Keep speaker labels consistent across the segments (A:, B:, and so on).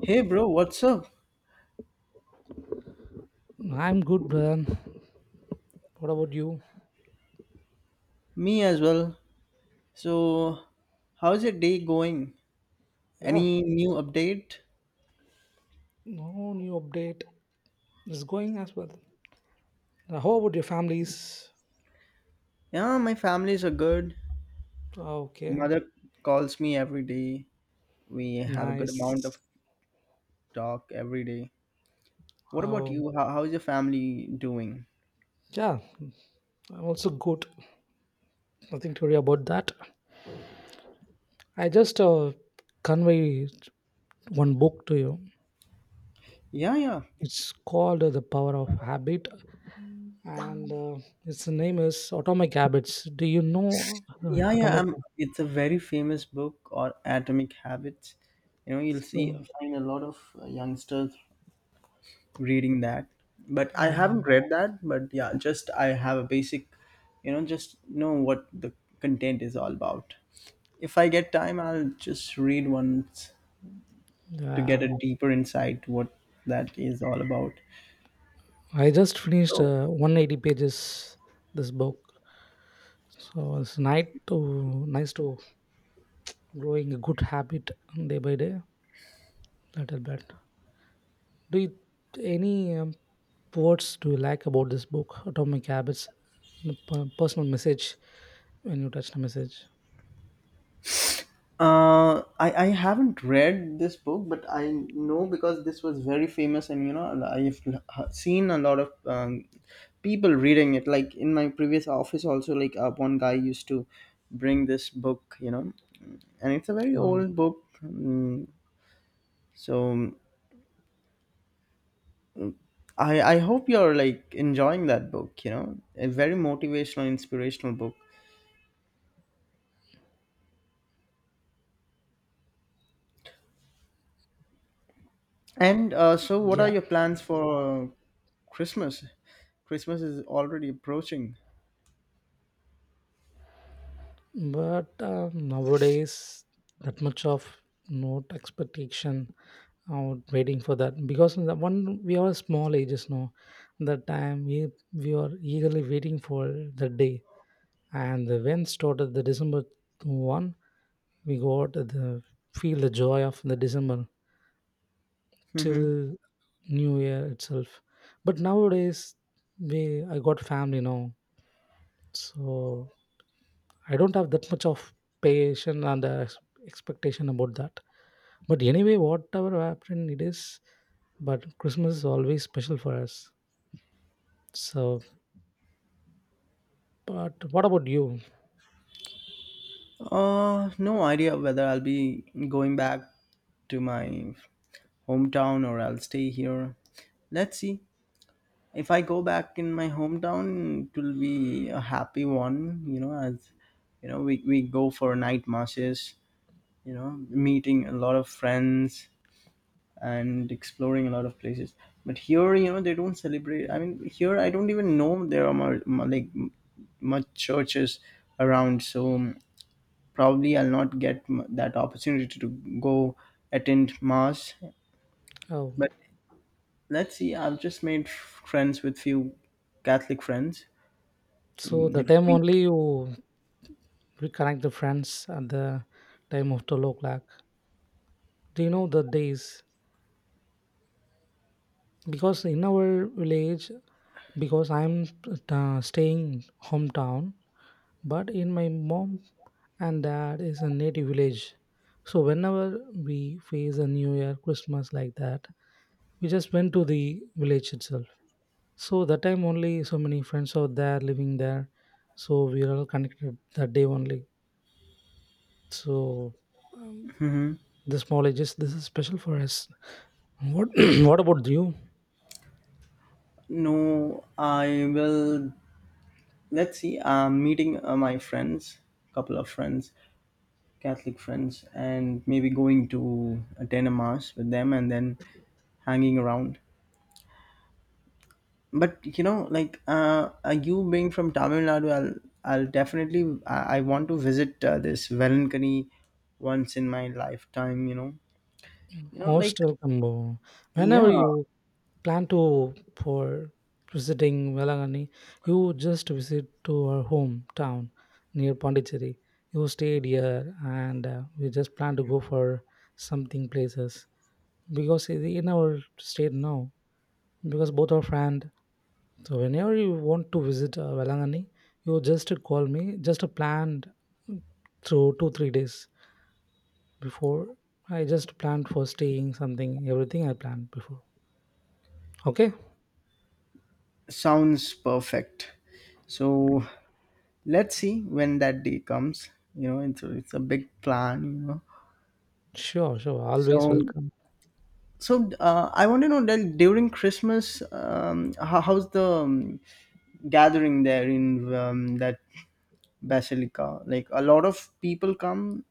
A: Hey bro, what's up?
B: I'm good, brother. What about you?
A: Me as well. So, how's your day going?
B: Yeah,
A: Any new update?
B: no new update. It's going as well. How about your families?
A: Yeah, my families are good.
B: Okay,
A: Mother calls me every day. We have a good amount
B: nice.
A: of talk every day. What about
B: Oh,
A: you? How's your family doing?
B: yeah, I'm also good. Nothing to worry about that. I just convey one book to you.
A: Yeah, yeah.
B: It's called The Power of Habit, and its name is Atomic Habits. Do you know
A: Yeah, yeah.
B: Atomic
A: It's a very famous book or Atomic Habits. You know, you'll
B: Habits?
A: see find a lot of youngsters reading that, but I
B: Yeah,
A: haven't read that. But yeah, just I have a basic, just know what the content is all about. If I get time, I'll just read once to get
B: yeah.
A: a deeper insight what that is all about.
B: I just finished
A: So
B: 180 pages this book. So it's nice to growing a good habit day by day, little bit. Do you any words do you like about this book, Atomic Habits, and the personal message when you touch the message?
A: I haven't read this book, but I know because this was very famous, and I've seen a lot of people reading it. Like in my previous office, also, like one guy used to bring this book, and it's a very
B: Um,
A: old book. So I hope you're like enjoying that book, a very motivational, inspirational book. And so, what are
B: yeah,
A: your plans for Christmas? Christmas is already approaching.
B: but nowadays that much of not expectation out waiting for that, because in the one we are small ages now, the time we are eagerly waiting for the day. And the when started the December 1st, we got the feel the joy of the December
A: Mm-hmm.
B: till new year itself. But nowadays, we, I got family now, so I don't have that much of patience and expectation about that. But anyway, whatever happened, it is. But Christmas is always special for us. So, but what about you?
A: No idea whether I'll be going back to my hometown or I'll stay here. Let's see. If I go back in my hometown, it will be a happy one. As you know, we go for night marches. Meeting a lot of friends and exploring a lot of places. But here, they don't celebrate. I mean, here I don't even know there are more like much churches around. So probably I'll not get that opportunity to go attend mass,
B: Oh,
A: but let's see. I've just made friends with few Catholic friends.
B: so the
A: If
B: time
A: we.
B: only you reconnect the friends at the time of 12 o'clock. Do you know the days? Because in our village, because I'm staying hometown, but in my mom and dad is a native village. So whenever we face a New Year, Christmas, like that, we just went to the village itself. So that time only so many friends are there living there. So we are all connected that day only. So um,
A: Mhm.
B: the small ages, this is special for us. What what about you?
A: No, I will. Let's see. I'm meeting my friends, couple of friends, Catholic friends, and maybe going to attend a mass with them and then hanging around. But like you being from Tamil Nadu, I'll definitely I want to visit this Velankani once in my lifetime. Like,
B: Most welcome. Whenever
A: yeah,
B: you plan to for visiting Velangani, you just visit to our hometown near Pondicherry. You stayed here, and we just plan to go for something places, because in our state now, because both our friend. So whenever you want to visit Velangani, you just call me. Just a planned mm, through 2 3 days before. I just planned for staying something. Everything I planned before. Okay,
A: sounds perfect. So let's see when that day comes. It's a big plan,
B: sure, sure. Always
A: so
B: welcome.
A: so I want to know that during Christmas, how's the gathering there in that Basilica. Like a lot of people come.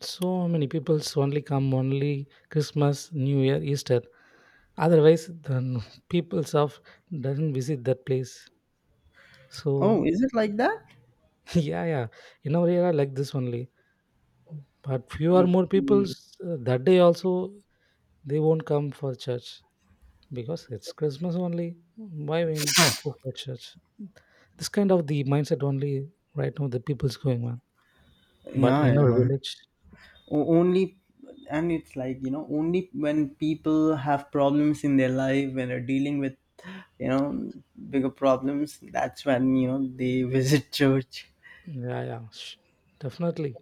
B: So many people's only come only Christmas, New Year, Easter. Otherwise, the peoples of doesn't visit that place.
A: Oh,
B: So
A: is it like that?
B: yeah, yeah. In our era, like this only. But fewer more
A: Okay.
B: peoples that day also. They won't come for church because it's Christmas only. Why we go for church? This kind of the mindset only right now the people's going on. But in
A: Yeah,
B: our
A: yeah.
B: village,
A: Only, and it's like, only when people have problems in their life, when they're dealing with, you know, bigger problems, that's when, they visit church.
B: yeah, yeah, sh- definitely.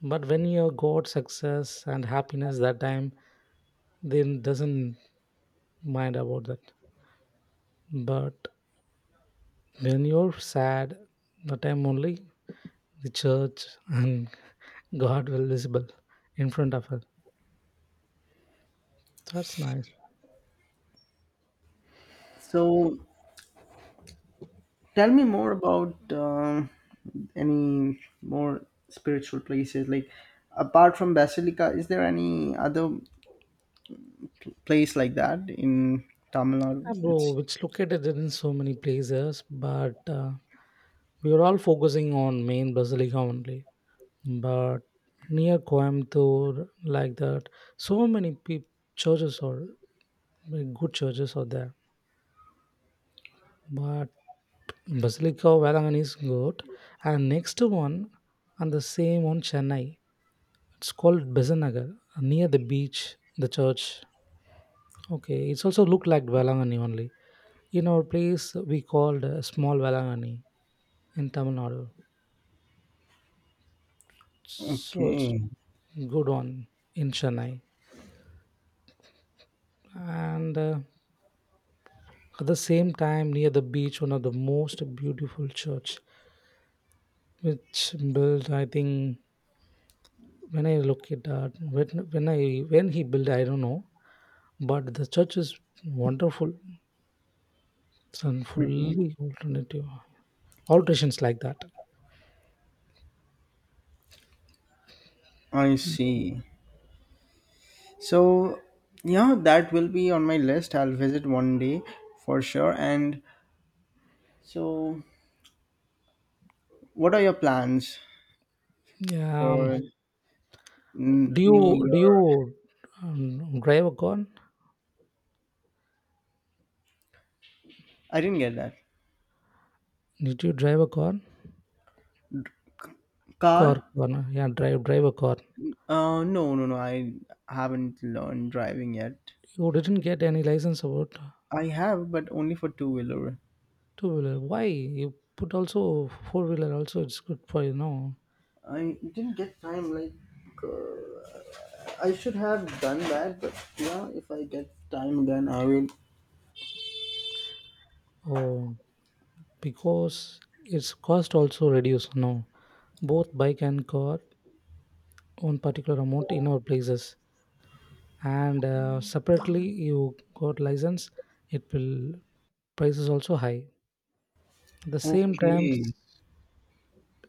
B: But when you got success and happiness that time, then doesn't mind about that. But when you're sad, the time only the church and God will visible in front of her. That's nice.
A: So tell me more about any more spiritual places. Like, apart from Basilica, is there any other place like that in Tamil
B: Ah,
A: Nadu. It's
B: bro, it's located in so many places, but we are all focusing on main Basilica only. But near Coimbatore, like that, so many peop churches or good churches are there. But Basilica of Valangan is good, and next one, and the same on Chennai. It's called Bezanagar, near the beach, the church. Okay, it's also look like Valangani only. In our place, we called small Valangani in Tamil Nadu. So it's
A: okay.
B: also good on in Chennai. And at the same time, near the beach, one of the most beautiful church, which built, I think, when I look at that, when he built, I don't know, but the church is wonderful, it's a fully alternative alterations like that.
A: I see. So yeah, that will be on my list. I'll visit one day for sure. And so, what are your plans
B: Yeah, Um,
A: for
B: do you
A: New
B: do you
A: Year?
B: drive a car?
A: I didn't get that.
B: Did you drive a car?
A: Car?
B: Drive a car.
A: No, no, no. I haven't learned driving yet.
B: You didn't get any license about.
A: I have, but only for two wheeler.
B: Two wheeler. Why you put also four wheeler? Also, it's good for you know.
A: I didn't get time. Like, uh, I should have done that, but yeah, if I get time again, I will.
B: Oh, because its cost also reduced. No, both bike and car own particular amount in our places, and separately you got license. It will prices also high. At the same time,
A: Okay.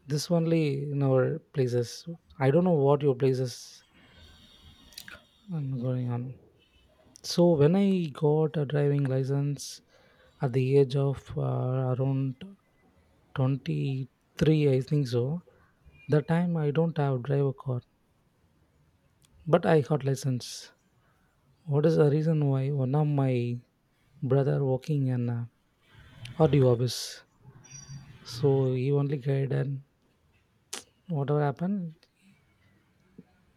B: this only in our places. I don't know what your places are going on. So when I got a driving license at the age of around 23, I think. So the time I don't have driver card, but I got license. What is the reason why one of my brother working in audio office, so he only guided whatever happened.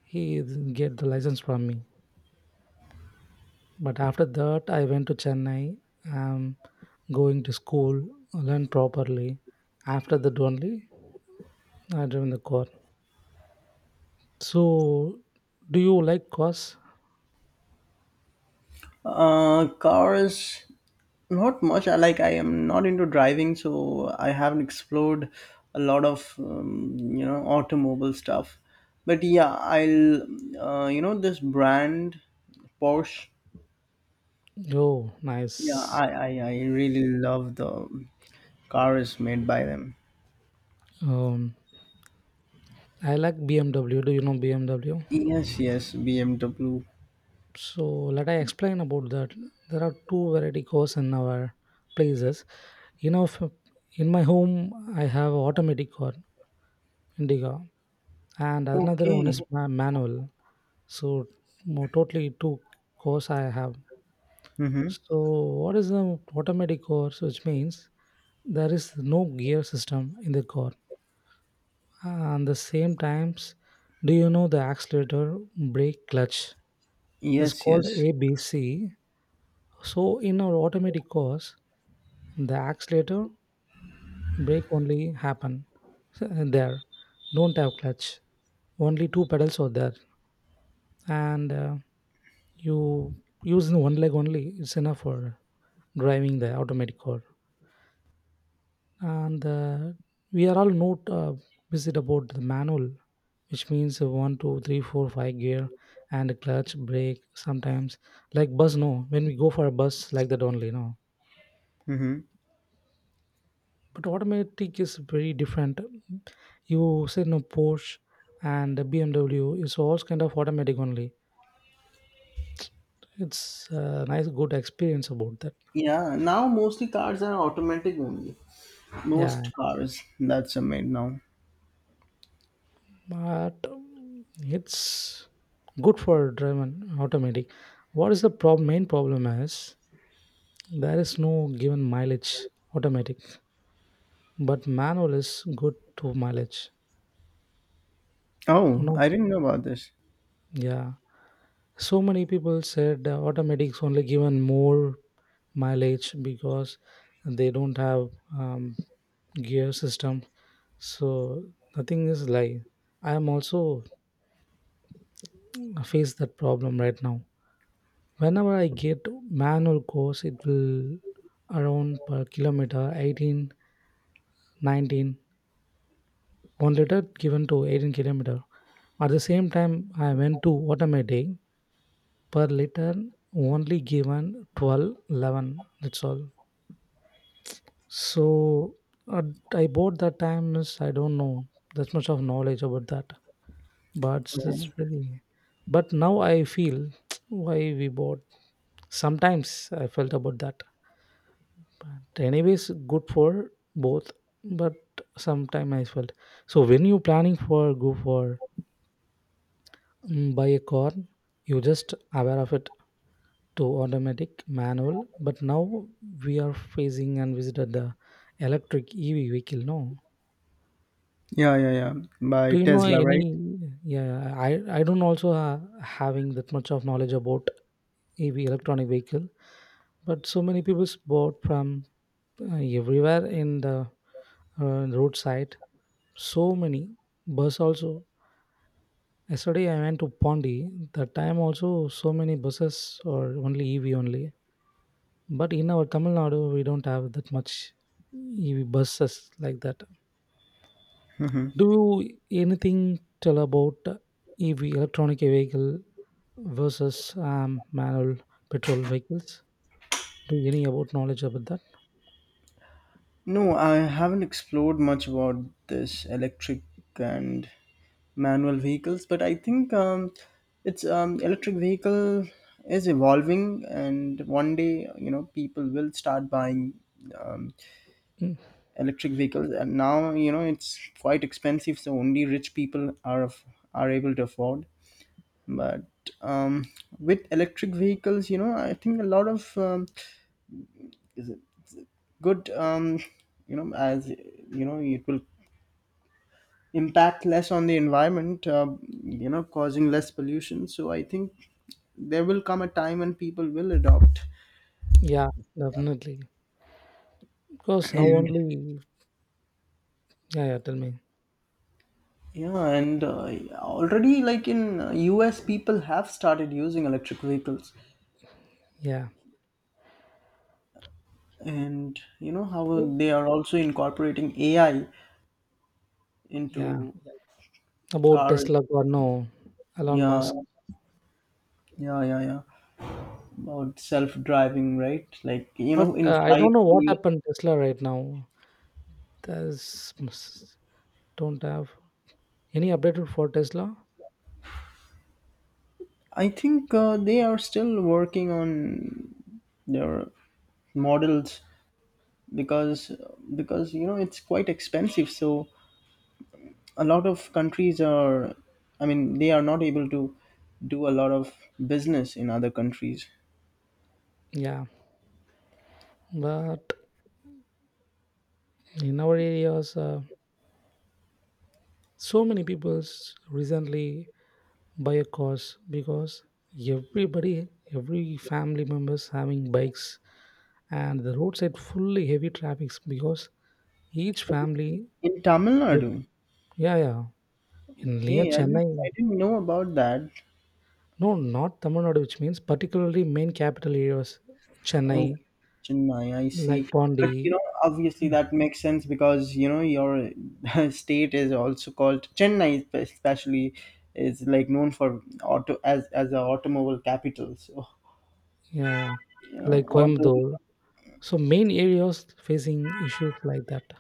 B: He get the license from me, but after that I went to Chennai, um going to school, learn properly. After that only I driven the car. So do you like cars?
A: Cars, not much. I, like, I am not into driving, so I haven't explored a lot of automobile stuff. But yeah, I'll you know this brand Porsche.
B: Oh,
A: Yeah,
B: nice.
A: I really love the cars made by them.
B: um I like BMW. Do you know BMW?
A: Yes, yes, BMW.
B: So let I explain about that. There are two variety cars in our places. You know, in my home I have automatic car, Indica, and another one is
A: Okay.
B: manual. So totally two cars I have.
A: Mm-hmm.
B: So what is the automatic car? So which means there is no gear system in the car. And the same times, do you know the accelerator, brake, clutch? This
A: Yes,
B: called
A: yes.
B: ABC. So in our automatic course, the accelerator brake only happen there. Don't have clutch. Only two pedals are there, and you use one leg only. It's enough for driving the automatic car. And we are all not busy about the manual, which means one, two, three, four, five gear and a clutch brake. Sometimes like bus, no. When we go for a bus like that only, no,
A: Mm-hmm.
B: but automatic is very different. You say no, Porsche and the BMW is all kind of automatic only. It's a nice good experience about that.
A: Yeah, now mostly cars are automatic only.
B: Yeah,
A: Most cars, that's a made now.
B: but it's good for driving automatic. What is the problem, main problem is there is no given mileage automatic, but manual is good to mileage, you
A: Oh,
B: know.
A: I didn't know about this.
B: Yeah, so many people said automatics only given more mileage because they don't have um, gear system. So the thing is like, I am also face that problem right now. Whenever I get manual course, it will around per kilometer 18, 19, 1 liter given to 18 kilometer. At the same time I went to automatic per liter only given 12, 11. That's all. So uh, I bought that time is I don't know that much of knowledge about that, but it's
A: Okay.
B: very. But now I feel why we bought. Sometimes I felt about that, but anyways, good for both. But sometime I felt, so when you planning for go for buy a car, you just aware of it to automatic manual. But now we are facing and visited the electric EV vehicle. No,
A: Yeah, yeah, yeah. By
B: do you know
A: Tesla,
B: any?
A: right?
B: Yeah, I don't also having that much of knowledge about EV electronic vehicle, but so many people's bought from everywhere in the roadside. So many bus also. Yesterday I went to Pondi. That time also so many buses or only EV only. But in our Tamil Nadu we don't have that much EV buses like that.
A: Hmm.
B: Do you anything tell about EV electronic vehicle versus manual petrol vehicles. Do you any about knowledge about that?
A: No, I haven't explored much about this electric and manual vehicles, but I think it's electric vehicle is evolving, and one day people will start buying um,
B: Mm,
A: electric vehicles. And now it's quite expensive, so only rich people are are able to afford. But um, with electric vehicles, I think a lot of good, you know as you know, it will impact less on the environment, causing less pollution. So I think there will come a time when people will adopt.
B: Yeah, definitely. Because now
A: And
B: only, yeah, yeah, tell me.
A: yeah, and already like in US people have started using electric vehicles.
B: Yeah,
A: And you know how
B: oh,
A: they are also incorporating AI
B: yeah,
A: into
B: about
A: cars.
B: Tesla or no, Elon
A: Yeah.
B: Musk.
A: Yeah, yeah, yeah. About self-driving, right? Like,
B: But
A: in
B: I don't
A: flight,
B: know what
A: they-
B: happened Tesla right now. There's ms- don't have any update for Tesla.
A: I think they are still working on their models because because it's quite expensive. So a lot of countries are, I mean, they are not able to do a lot of business in other countries.
B: Yeah, but in our areas, so many people's recently buy a cars because everybody every family members having bikes and the roadside fully heavy traffics because each family
A: In Tamil
B: they-
A: Nadu,
B: yeah, yeah, in near
A: okay,
B: Chennai.
A: I didn't know about that.
B: No, not Tamil Nadu, which means particularly main capital areas, Chennai,
A: Okay, Chennai, I
B: like
A: see.
B: Pondi.
A: But obviously that makes sense because you know your state is also called Chennai, especially is like known for auto as a automobile capital. So
B: Yeah, yeah, like
A: although
B: Coimbatore. So main areas facing issues like that.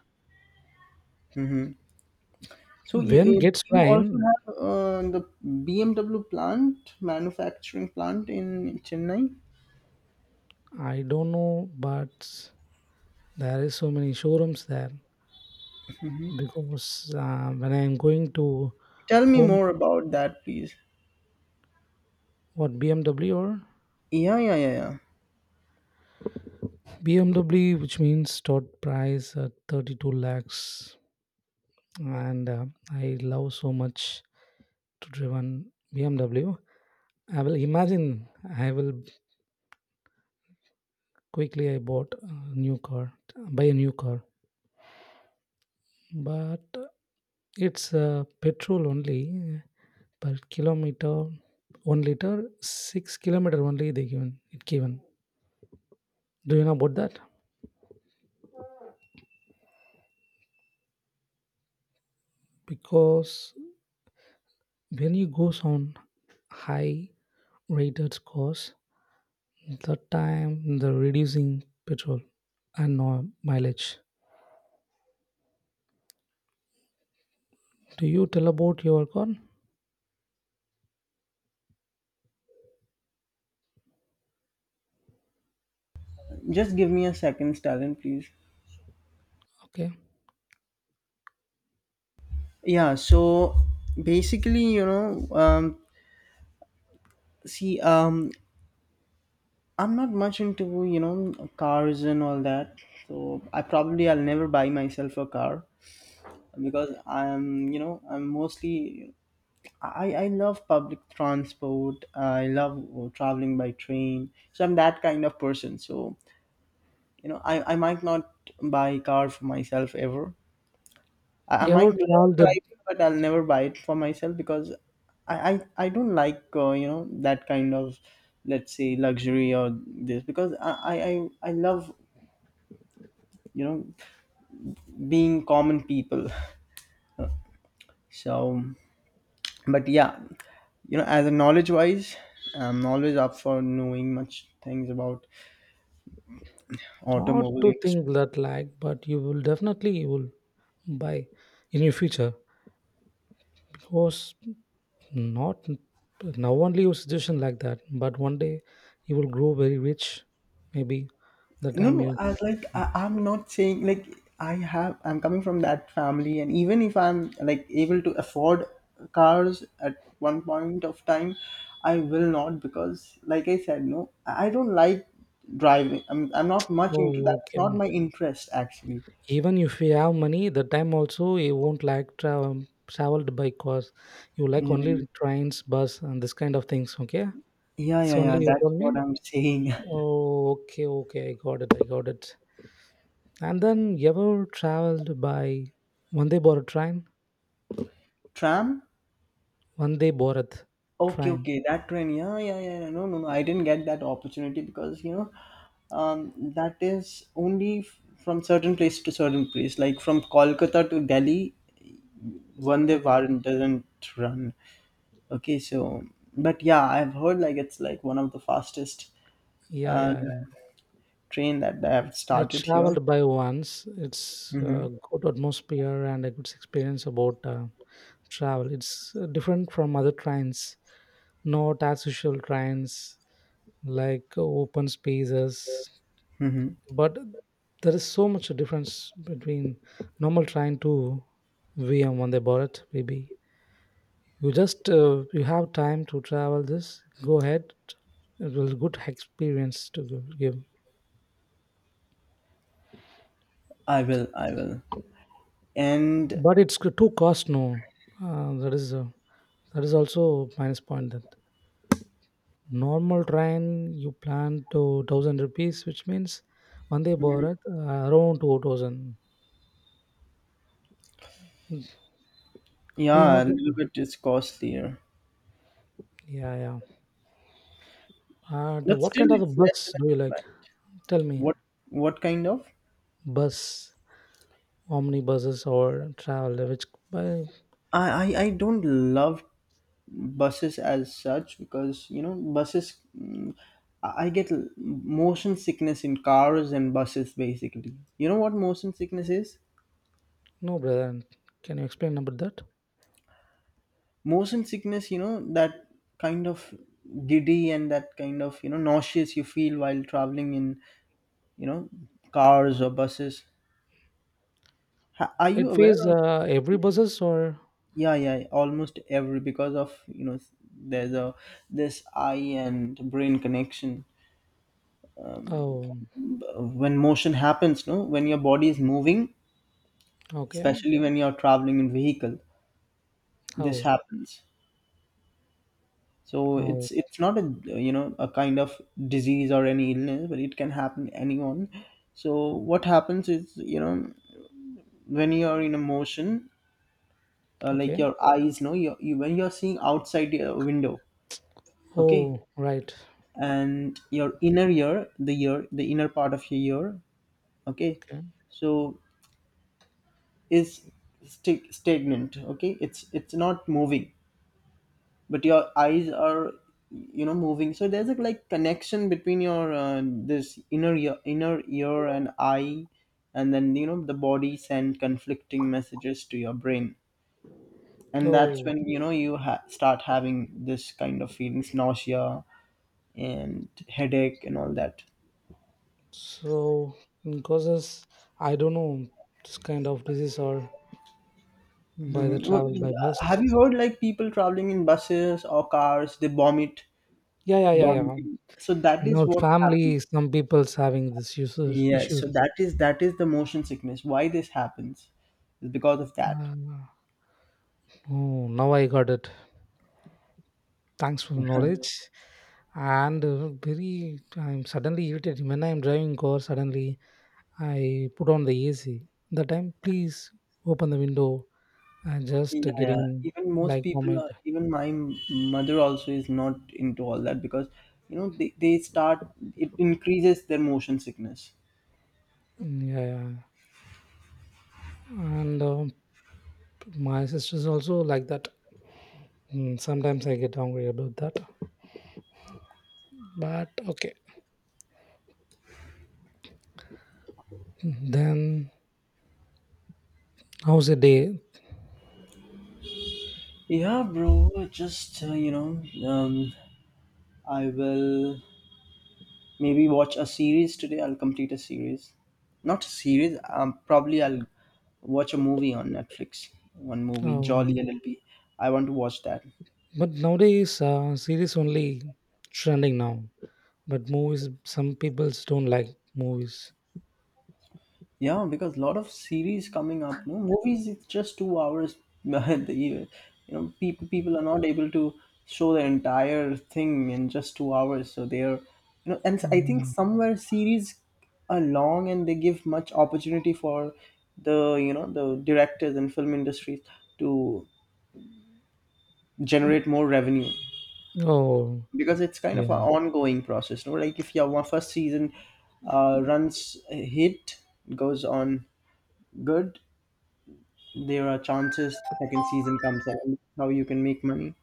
A: hmm, so you
B: When
A: you
B: gets
A: you also
B: rain
A: have the BMW plant manufacturing plant in Chennai.
B: I don't know, but there is so many showrooms there, because when I'm going to
A: Tell me
B: home,
A: more about that, please.
B: what BMW or
A: Yeah, yeah, yeah, yeah.
B: BMW, which means stock price at 32 lakhs, and I love so much to driven BMW. I will imagine, I will quickly I bought a new car, buy a new car, but it's petrol only per kilometer, 1 liter, 6 kilometer only they given it given. Do you know about that? Because when you goes on high rated course the time the reducing petrol and mileage. Do you tell about your car?
A: Just give me a second, Stalin, please.
B: Okay,
A: Yeah, so basically, see, I'm not much into, cars and all that. So I probably, I'll never buy myself a car because I'm mostly I love public transport. I love traveling by train. So I'm that kind of person. So I might not buy a car for myself ever. I
B: you
A: might
B: ever
A: love
B: travel the,
A: driving, but I'll never buy it for myself because I don't like that kind of, let's say, luxury or this because I love you know being common people. So, but yeah, as a knowledge wise, I'm always up for knowing much things about
B: not
A: automobile
B: to
A: industry.
B: think that like, but you will definitely you will buy in your future because not now only your situation like that, but one day you will grow very rich maybe, the
A: No,
B: time
A: no,
B: you.
A: I was like, I'm not saying like I have. I'm coming from that family, and even if I'm like able to afford cars at one point of time, I will not because, like I said, no, I don't like driving. I'm not much into that.
B: Oh
A: It's not
B: okay,
A: my interest actually.
B: even if you have money the time also you won't like travel traveled by cars, you like
A: Yeah,
B: only trains bus and this kind of things. Okay,
A: yeah,
B: this
A: yeah, yeah.
B: only you
A: That's
B: told me.
A: what I'm saying.
B: Oh, okay okay, I got it, I got it. And then you ever traveled by Vande Bharat train?
A: Tram?
B: Vande Bharat
A: Okay,
B: train.
A: okay, that train. Yeah, yeah, yeah. Yeah. No, no, no. I didn't get that opportunity because that is only from certain place to certain place. Like from Kolkata to Delhi, Vande Bharat doesn't run. Okay, so but yeah, I've heard like it's like one of the fastest
B: Yeah,
A: uh,
B: yeah, yeah.
A: train that I have
B: I
A: started here.
B: traveled by once. It's
A: Mm-hmm.
B: a good atmosphere and a good experience about travel. It's different from other trains, not as usual trains. Like open spaces
A: Mm-hmm.
B: but there is so much difference between normal train to vm when they bought it, maybe you just you have time to travel this go ahead it was a good experience to give
A: I will, and
B: but it's too cost no uh, that is uh, that is also minus point that normal train you plan to 1,000 rupees which means one day
A: mm,
B: bharat around 2,000, do you
A: yeah,
B: know
A: a
B: that?
A: little bit is costlier,
B: Yeah, yeah. And
A: but
B: what
A: still
B: kind of a
A: it's less than
B: bus do you
A: a
B: like?
A: flight.
B: Tell me.
A: What, what kind of?
B: Bus, omnibuses, or travel? Which by
A: I, I don't love buses as such because buses, I get motion sickness in cars and buses basically. You know what motion sickness is?
B: no brother. Can you explain about that?
A: Motion sickness, that kind of giddy and that kind of, nauseous you feel while traveling in, you know cars or buses. Are you
B: It
A: aware
B: pays
A: of?
B: every buses or
A: Yeah, yeah, almost every because of, there's a this eye and brain connection
B: oh
A: when motion happens, no, when your body is moving,
B: okay
A: especially when you're traveling in vehicle, this
B: oh
A: happens. So
B: oh
A: it's not a you know a kind of disease or any illness, but it can happen to anyone. So what happens is, when you're in a motion, like
B: okay
A: your eyes, no, you when you're seeing outside your window, okay.
B: oh right
A: And your inner ear, the ear, the inner part of your ear, okay,
B: okay
A: so is stagnant, okay, it's not moving, but your eyes are moving. So there's a like connection between your this inner ear and eye. And then the body send conflicting messages to your brain, and that's
B: oh
A: when you start having this kind of feelings, nausea and headache and all that.
B: so in causes I don't know this kind of disease or by the
A: Mhm. Well,
B: travel by
A: have
B: bus.
A: you heard like people traveling in buses or cars, they vomit
B: Yeah, yeah, yeah, yeah.
A: vomiting. So that
B: In
A: is
B: our
A: what happens.
B: family, some people's having this issues
A: Yeah, so
B: issues.
A: that is the motion sickness. Why this happens is because of that.
B: Uh, Oh, now I got it. Thanks for the knowledge. And very, I'm suddenly irritated when I'm driving car. Suddenly, I put on the AC. The time, please open the window. I'm just
A: Yeah, yeah.
B: getting
A: Even most
B: like
A: people,
B: vomit.
A: are, even my mother also is not into all that because they start it increases their motion sickness.
B: Mm, yeah, yeah. And my sister's also like that. Mm, sometimes I get angry about that. But okay, then how's the day?
A: Yeah, bro. Just I will. Maybe watch a series today. I'll complete a series. Not a series. Probably I'll watch a movie on Netflix. One movie,
B: Oh,
A: Jolly LLB. I want to watch that.
B: but nowadays, series only trending now. But movies, some people don't like movies.
A: Yeah, because lot of series coming up. No movies. It's just 2 hours. the You know, people people are not able to show the entire thing in just 2 hours. So they're, and I think
B: Mm.
A: somewhere series are long and they give much opportunity for the you know the directors and film industries to generate more revenue
B: Oh,
A: because it's kind of an
B: yeah.
A: ongoing process, no, like if your one first season runs a hit, goes on good, there are chances second season comes out and how you can make money.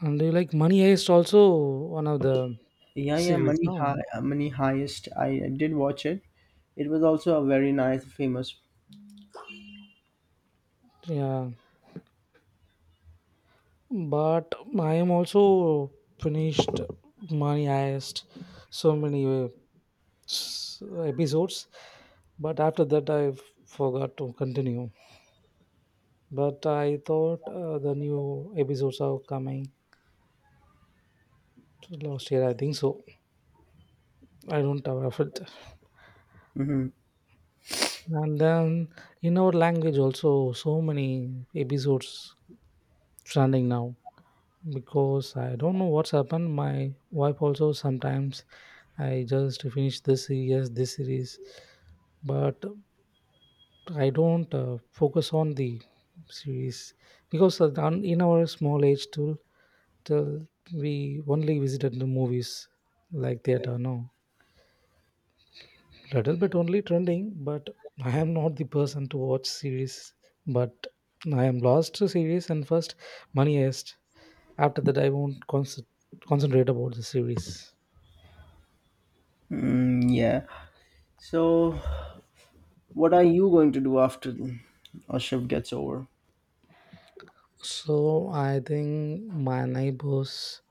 B: And do you like Money Heist also, one of the
A: Yeah,
B: series?
A: money
B: No.
A: high money highest, I did watch it. It was also a very nice famous.
B: Yeah. But I am also finished Money Heist so many episodes. But after that, I forgot to continue. But I thought the new episodes are coming last year, I think so. I don't have it.
A: Hmm.
B: And then in our language also so many episodes trending now because I don't know what's happened. My wife also sometimes I just finish this series, but I don't focus on the series because in our small age till we only visited the movies like theater. No, little bit only trending, but I am not the person to watch series. But I am lost to series and first Money Heist. After that, I won't concentrate about the series.
A: Mm, yeah, so what are you going to do after our shift gets over?
B: So I think my neighbors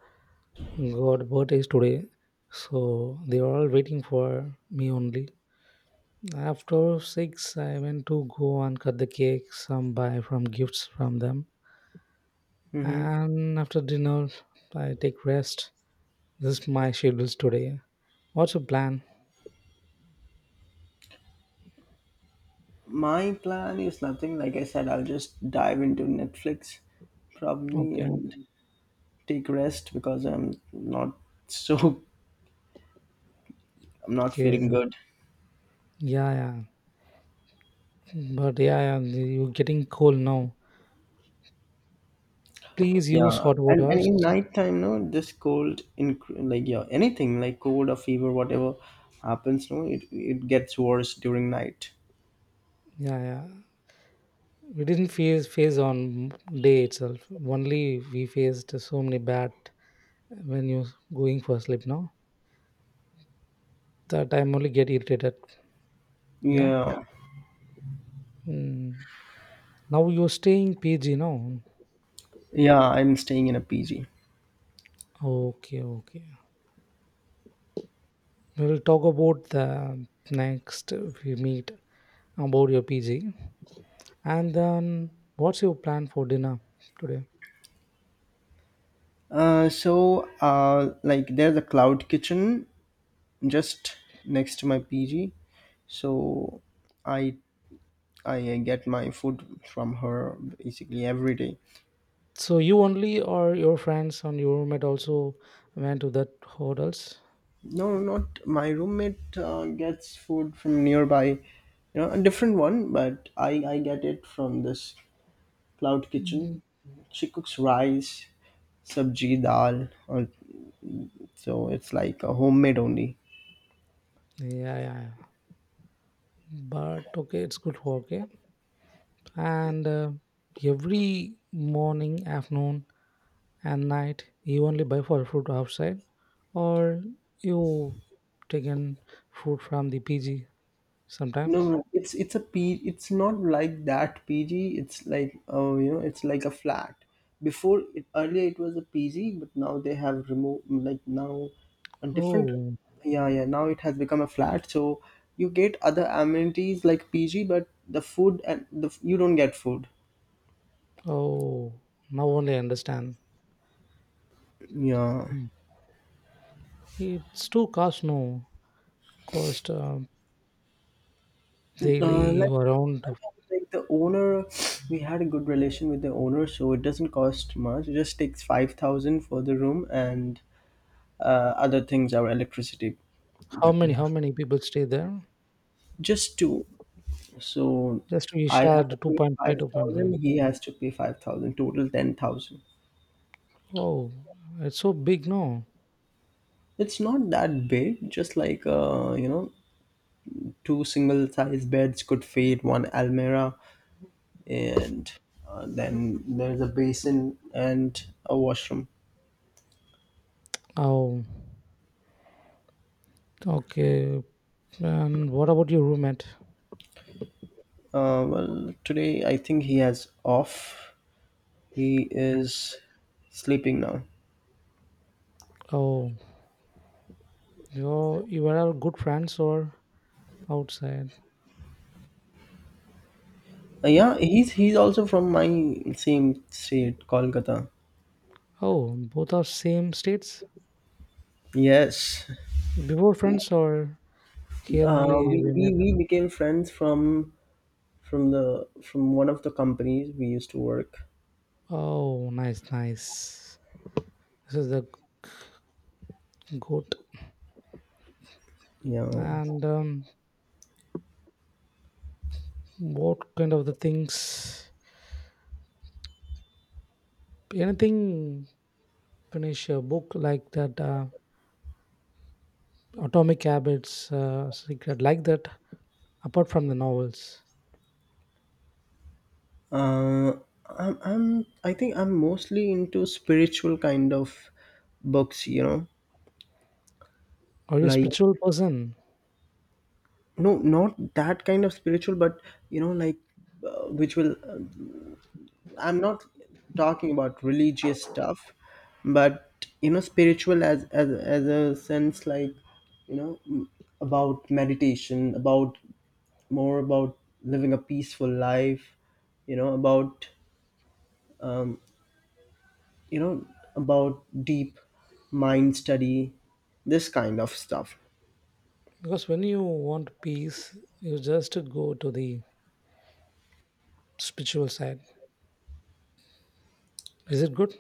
B: got birthdays today, so they were all waiting for me only. After six, I went to go and cut the cake, some buy from gifts from them,
A: Hmm.
B: and after dinner, I take rest. This is my schedules today. What's your plan?
A: My plan is nothing. Like I said, I'll just dive into Netflix probably
B: Okay,
A: and take rest because I'm not so I'm not feeling
B: okay.
A: good.
B: Yeah, yeah. But yeah, yeah, you're getting cold now. Please use
A: Yeah,
B: hot
A: and
B: waters.
A: in nighttime, no, this cold in, like, yeah, anything like cold or fever, whatever happens, no, it gets worse during night.
B: Yeah, yeah. We didn't face on day itself. Only we faced so many bad when you're going for sleep now. That I'm only get irritated. Yeah.
A: Yeah,
B: Mm. Now you're staying PG now.
A: yeah, I'm staying in a PG.
B: Okay, okay. We'll talk about the next we meet about your PG. And then, what's your plan for dinner today?
A: So like there's a cloud kitchen just next to my PG. So I I get my food from her basically every day.
B: So you only or your friends and your roommate also went to that hotels?
A: No, not my roommate gets food from nearby, a different one, but I get it from this cloud
B: Mm.
A: kitchen. She cooks rice, sabji, dal, or, so it's like a homemade only.
B: Yeah, yeah, yeah. But okay, it's good for okay. And every morning, afternoon, and night, you only buy for fruit outside, or you taken fruit from the PG
A: No, no,
B: sometimes.
A: no. It's a P. It's not like that PG. It's like, oh, you know, it's like a flat. Before it, earlier it was a PG, but now they have removed, like, now a different.
B: Oh,
A: Yeah, yeah. Now it has become a flat, so you get other amenities like PG, but the food and the, you don't get food.
B: oh, now only I understand.
A: Yeah.
B: Mm. It's too cost, no. Cost
A: Uh,
B: daily
A: like,
B: around
A: like the owner, we had a good relation with the owner, so it doesn't cost much. It just takes 5,000 for the room, and other things, our electricity
B: how
A: that we
B: many, how
A: have.
B: many people stay there?
A: Just two. So
B: Just we
A: I have
B: shared
A: to
B: two
A: pay
B: point five, two point
A: 5,000,
B: five.
A: he has to pay 5,000, total 10,000.
B: Oh, it's so big, no.
A: It's not that big, just like, you know, two single size beds could fit one almirah, and then there's a basin and a washroom.
B: Oh okay. And what about your roommate?
A: Well, today I think he has off. He
B: No.
A: is sleeping now.
B: Oh, you you were good friends or outside?
A: Yeah, he's also from my same state, Kolkata.
B: Oh, both are same states.
A: Yes.
B: Before friends or here
A: Uh,
B: only
A: we,
B: we
A: we
B: met?
A: we became friends from the from one of the companies we used to work.
B: Oh, nice, nice. This is the goat.
A: Yeah.
B: And what kind of the things, anything finish a book like that atomic habits secret like that apart from the novels?
A: Uh, I'm I think I'm mostly into spiritual kind of books. You know,
B: Are you a
A: like,
B: spiritual person?
A: no, not that kind of spiritual, but you know, like, which will I'm not talking about religious stuff, but you know, spiritual as as a sense, like, you know, about meditation, about more about living a peaceful life, you know, about, um, you know, about deep mind study, this kind of stuff.
B: Because when you want peace you just go to the spiritual side, is it good,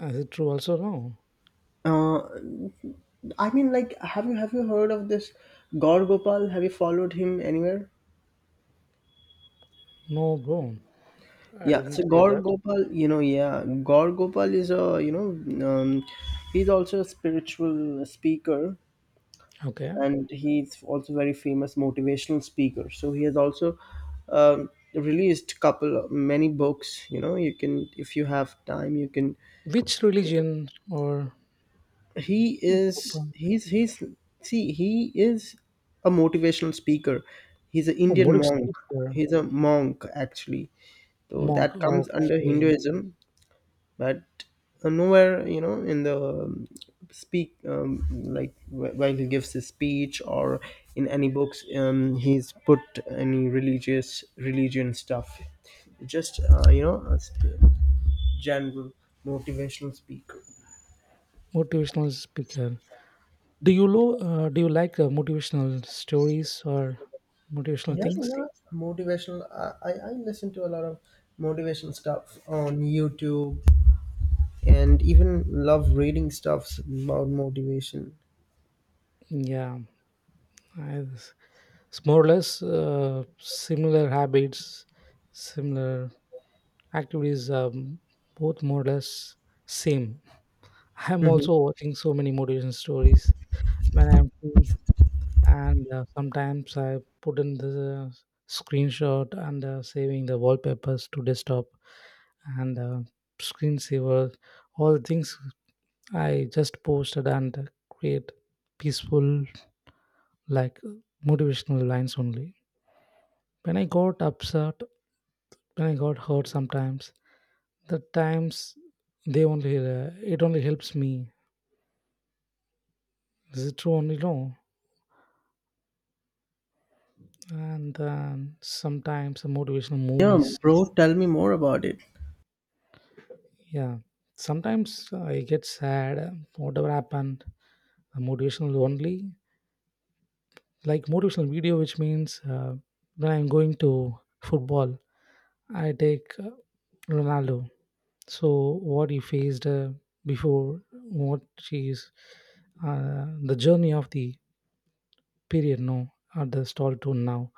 B: is it true also no?
A: I mean, like, have you heard of this Gaur Gopal? Have you followed him anywhere?
B: No bro, I
A: Yeah,
B: didn't
A: so
B: hear
A: Gaur
B: that.
A: Gopal, you know, yeah, Gaur Gopal is a, you know, um, he's also a spiritual speaker
B: Okay,
A: and he's also very famous motivational speaker. So he has also, released couple many books, you know, you can, if you have time, you can,
B: which religion or?
A: he's see, he is a motivational speaker. He's an
B: Oh,
A: Indian
B: motive
A: monk.
B: speaker.
A: He's a monk actually. So
B: Monk,
A: that comes under
B: okay.
A: Hinduism, but nowhere, you know, in the, speak, like, while he gives his speech or in any books, he's put any religious religion stuff, just, you know, general motivational speaker.
B: Motivational speaker. Do you do you like motivational stories or motivational
A: Yeah,
B: things?
A: yeah, motivational, I listen to a lot of motivational stuff on YouTube and even love reading stuffs about motivation.
B: Yeah, I, it's more or less similar habits, similar activities, both more or less same. I'm also watching so many motivation stories when I'm free, and sometimes I put in the screenshot and saving the wallpapers to desktop and screensaver, all things I just posted and create peaceful, like motivational lines only. When I got upset, when I got hurt sometimes, the times they only, it only helps me. Is it true only? No. And then sometimes the motivational
A: Yeah,
B: movies,
A: bro, tell me more about it.
B: yeah. Sometimes I get sad, whatever happened, motivational only. Like motivational video, which means when I'm going to football, I take Ronaldo, so what he faced before what she is, the journey of the period no at the stall to now,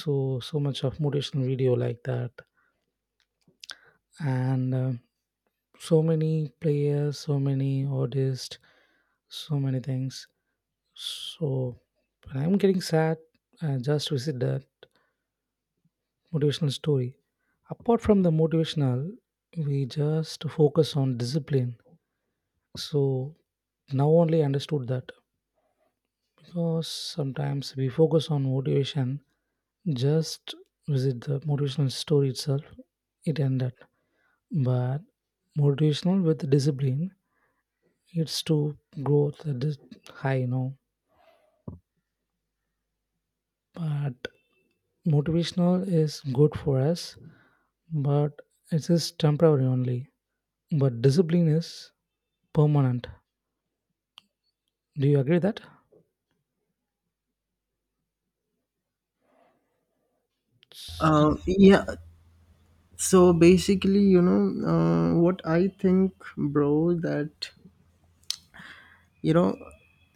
B: so so much of motivational video like that and so many players, so many artists, so many things. So when I'm getting sad I just visit the motivational story. Apart from the motivational we just focus on discipline, so now only I understood that. So sometimes we focus on motivation, just visit the motivational story itself, it ended. But motivational with discipline, it's to growth that is high, you know. But motivational is good for us, but it is temporary only. But discipline is permanent. Do you agree with that?
A: Um,
B: So,
A: yeah. So basically, you know, what I think, bro, that, you know,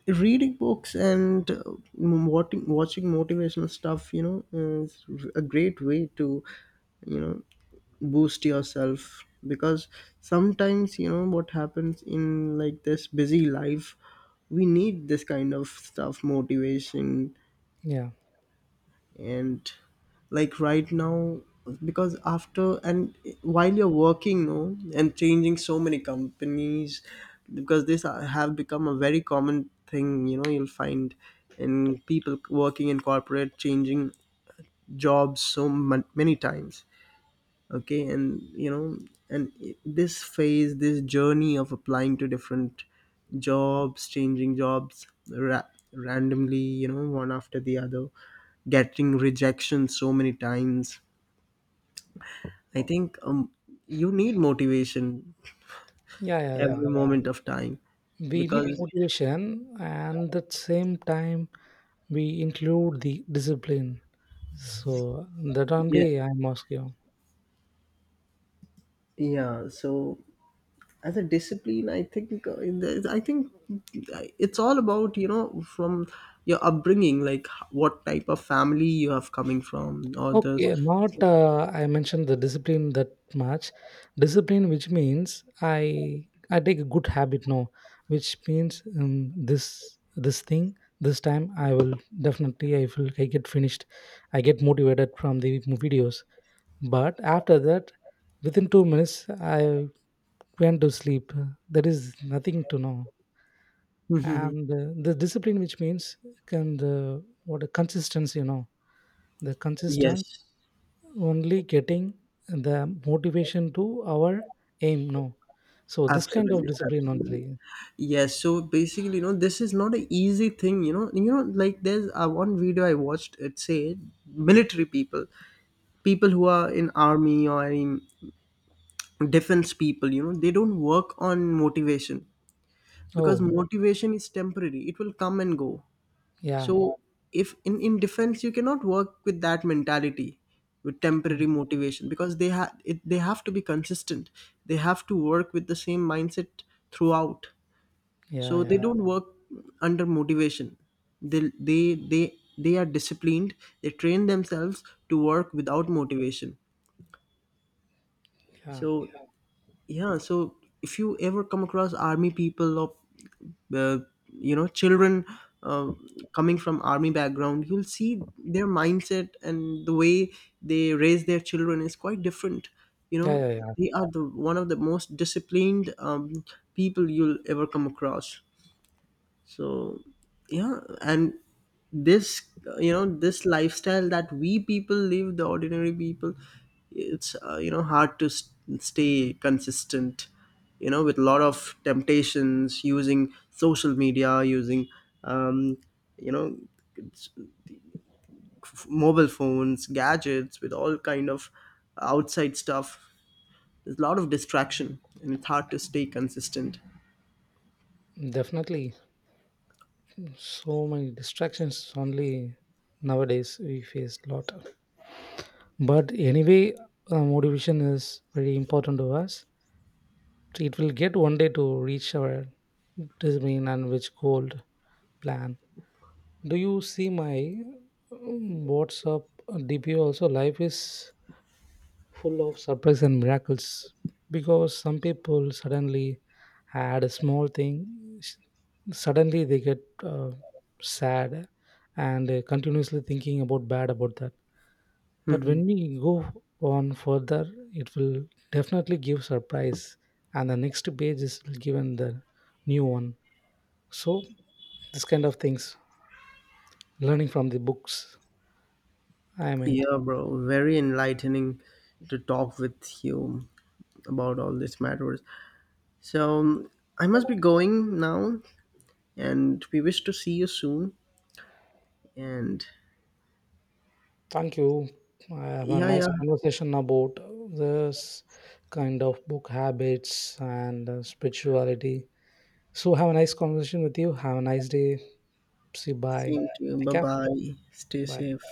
A: reading books and, watching motivational stuff, you know, is a great way to, you know, boost yourself because sometimes, you know, what happens in, like, this busy life, we need this kind of stuff, motivation,
B: yeah.
A: and like right now because after, and while you're working, no, and changing so many companies because this have become a very common thing, you know, you'll find in people working in corporate changing jobs so many times, okay, and you know, and this phase, this journey of applying to different jobs, changing jobs, randomly, you know, one after the other, getting rejection so many times, I think, you need motivation
B: Yeah, yeah, yeah.
A: every moment of time
B: We need
A: because
B: motivation and at the same time we include the discipline. So that
A: yeah,
B: only I'm asking.
A: yeah, so as a discipline I think, in the, I think it's all about, you know, from your upbringing, like what type of family you have coming from or the
B: Okay, not I mentioned the discipline that much. Discipline, which means I take a good habit now, which means this time I will definitely I will I get finished. I get motivated from the videos, but after that, within 2 minutes I went to sleep. There is nothing to know. And the discipline which means can the what a consistency you know, the consistency,
A: yes,
B: only getting the motivation to our aim no, so this kind of
A: absolutely,
B: discipline only.
A: absolutely. Yes, so basically, you know, this is not an easy thing, you know, you know, like there's, one video I watched, it said military people, people who are in army or in defense people, you know, they don't work on motivation because
B: Oh
A: motivation is temporary, it will come and go. So
B: yeah.
A: if in, in defense you cannot work with that mentality, with
B: Oh,
A: temporary motivation, because they have, they have to be consistent. They have to work with the same mindset throughout. So
B: yeah,
A: they
B: yeah,
A: don't work under motivation. They are disciplined. They train themselves to work without motivation.
B: yeah,
A: So yeah, so if you ever come across army people or, uh, you know, children, uh, coming from army background, you'll see their mindset and the way they raise their children is quite different, you
B: yeah,
A: know,
B: yeah, yeah.
A: they are the one of the most disciplined, people you'll ever come across. So yeah, and this, you know, this lifestyle that we people live, the ordinary people, it's, you know, hard to stay consistent, you know, with a lot of temptations, using social media, using, um, you know, mobile phones, gadgets, with all kind of outside stuff, there's a lot of distraction and it's hard to stay consistent.
B: Definitely so many distractions only nowadays we face a lot. But anyway, motivation is very important to us. It will get one day to reach our design and which goal plan. Do you see my WhatsApp DP also? Life is full of surprise and miracles because some people suddenly had a small thing, suddenly they get sad and continuously thinking about bad about that, but when we go on further it will definitely give surprise and the next page is given the new one. So this kind of things learning from the books, I mean
A: Yeah, bro, very enlightening to talk with you about all these matters. So, I must be going now, and we wish to see you soon. And
B: thank you, I have a
A: yeah,
B: nice
A: yeah,
B: conversation about this kind of book habits and spirituality. So have a nice conversation with you, have a nice day. See you, bye.
A: same to you.
B: Take
A: Bye
B: care.
A: bye. Stay
B: Bye.
A: safe.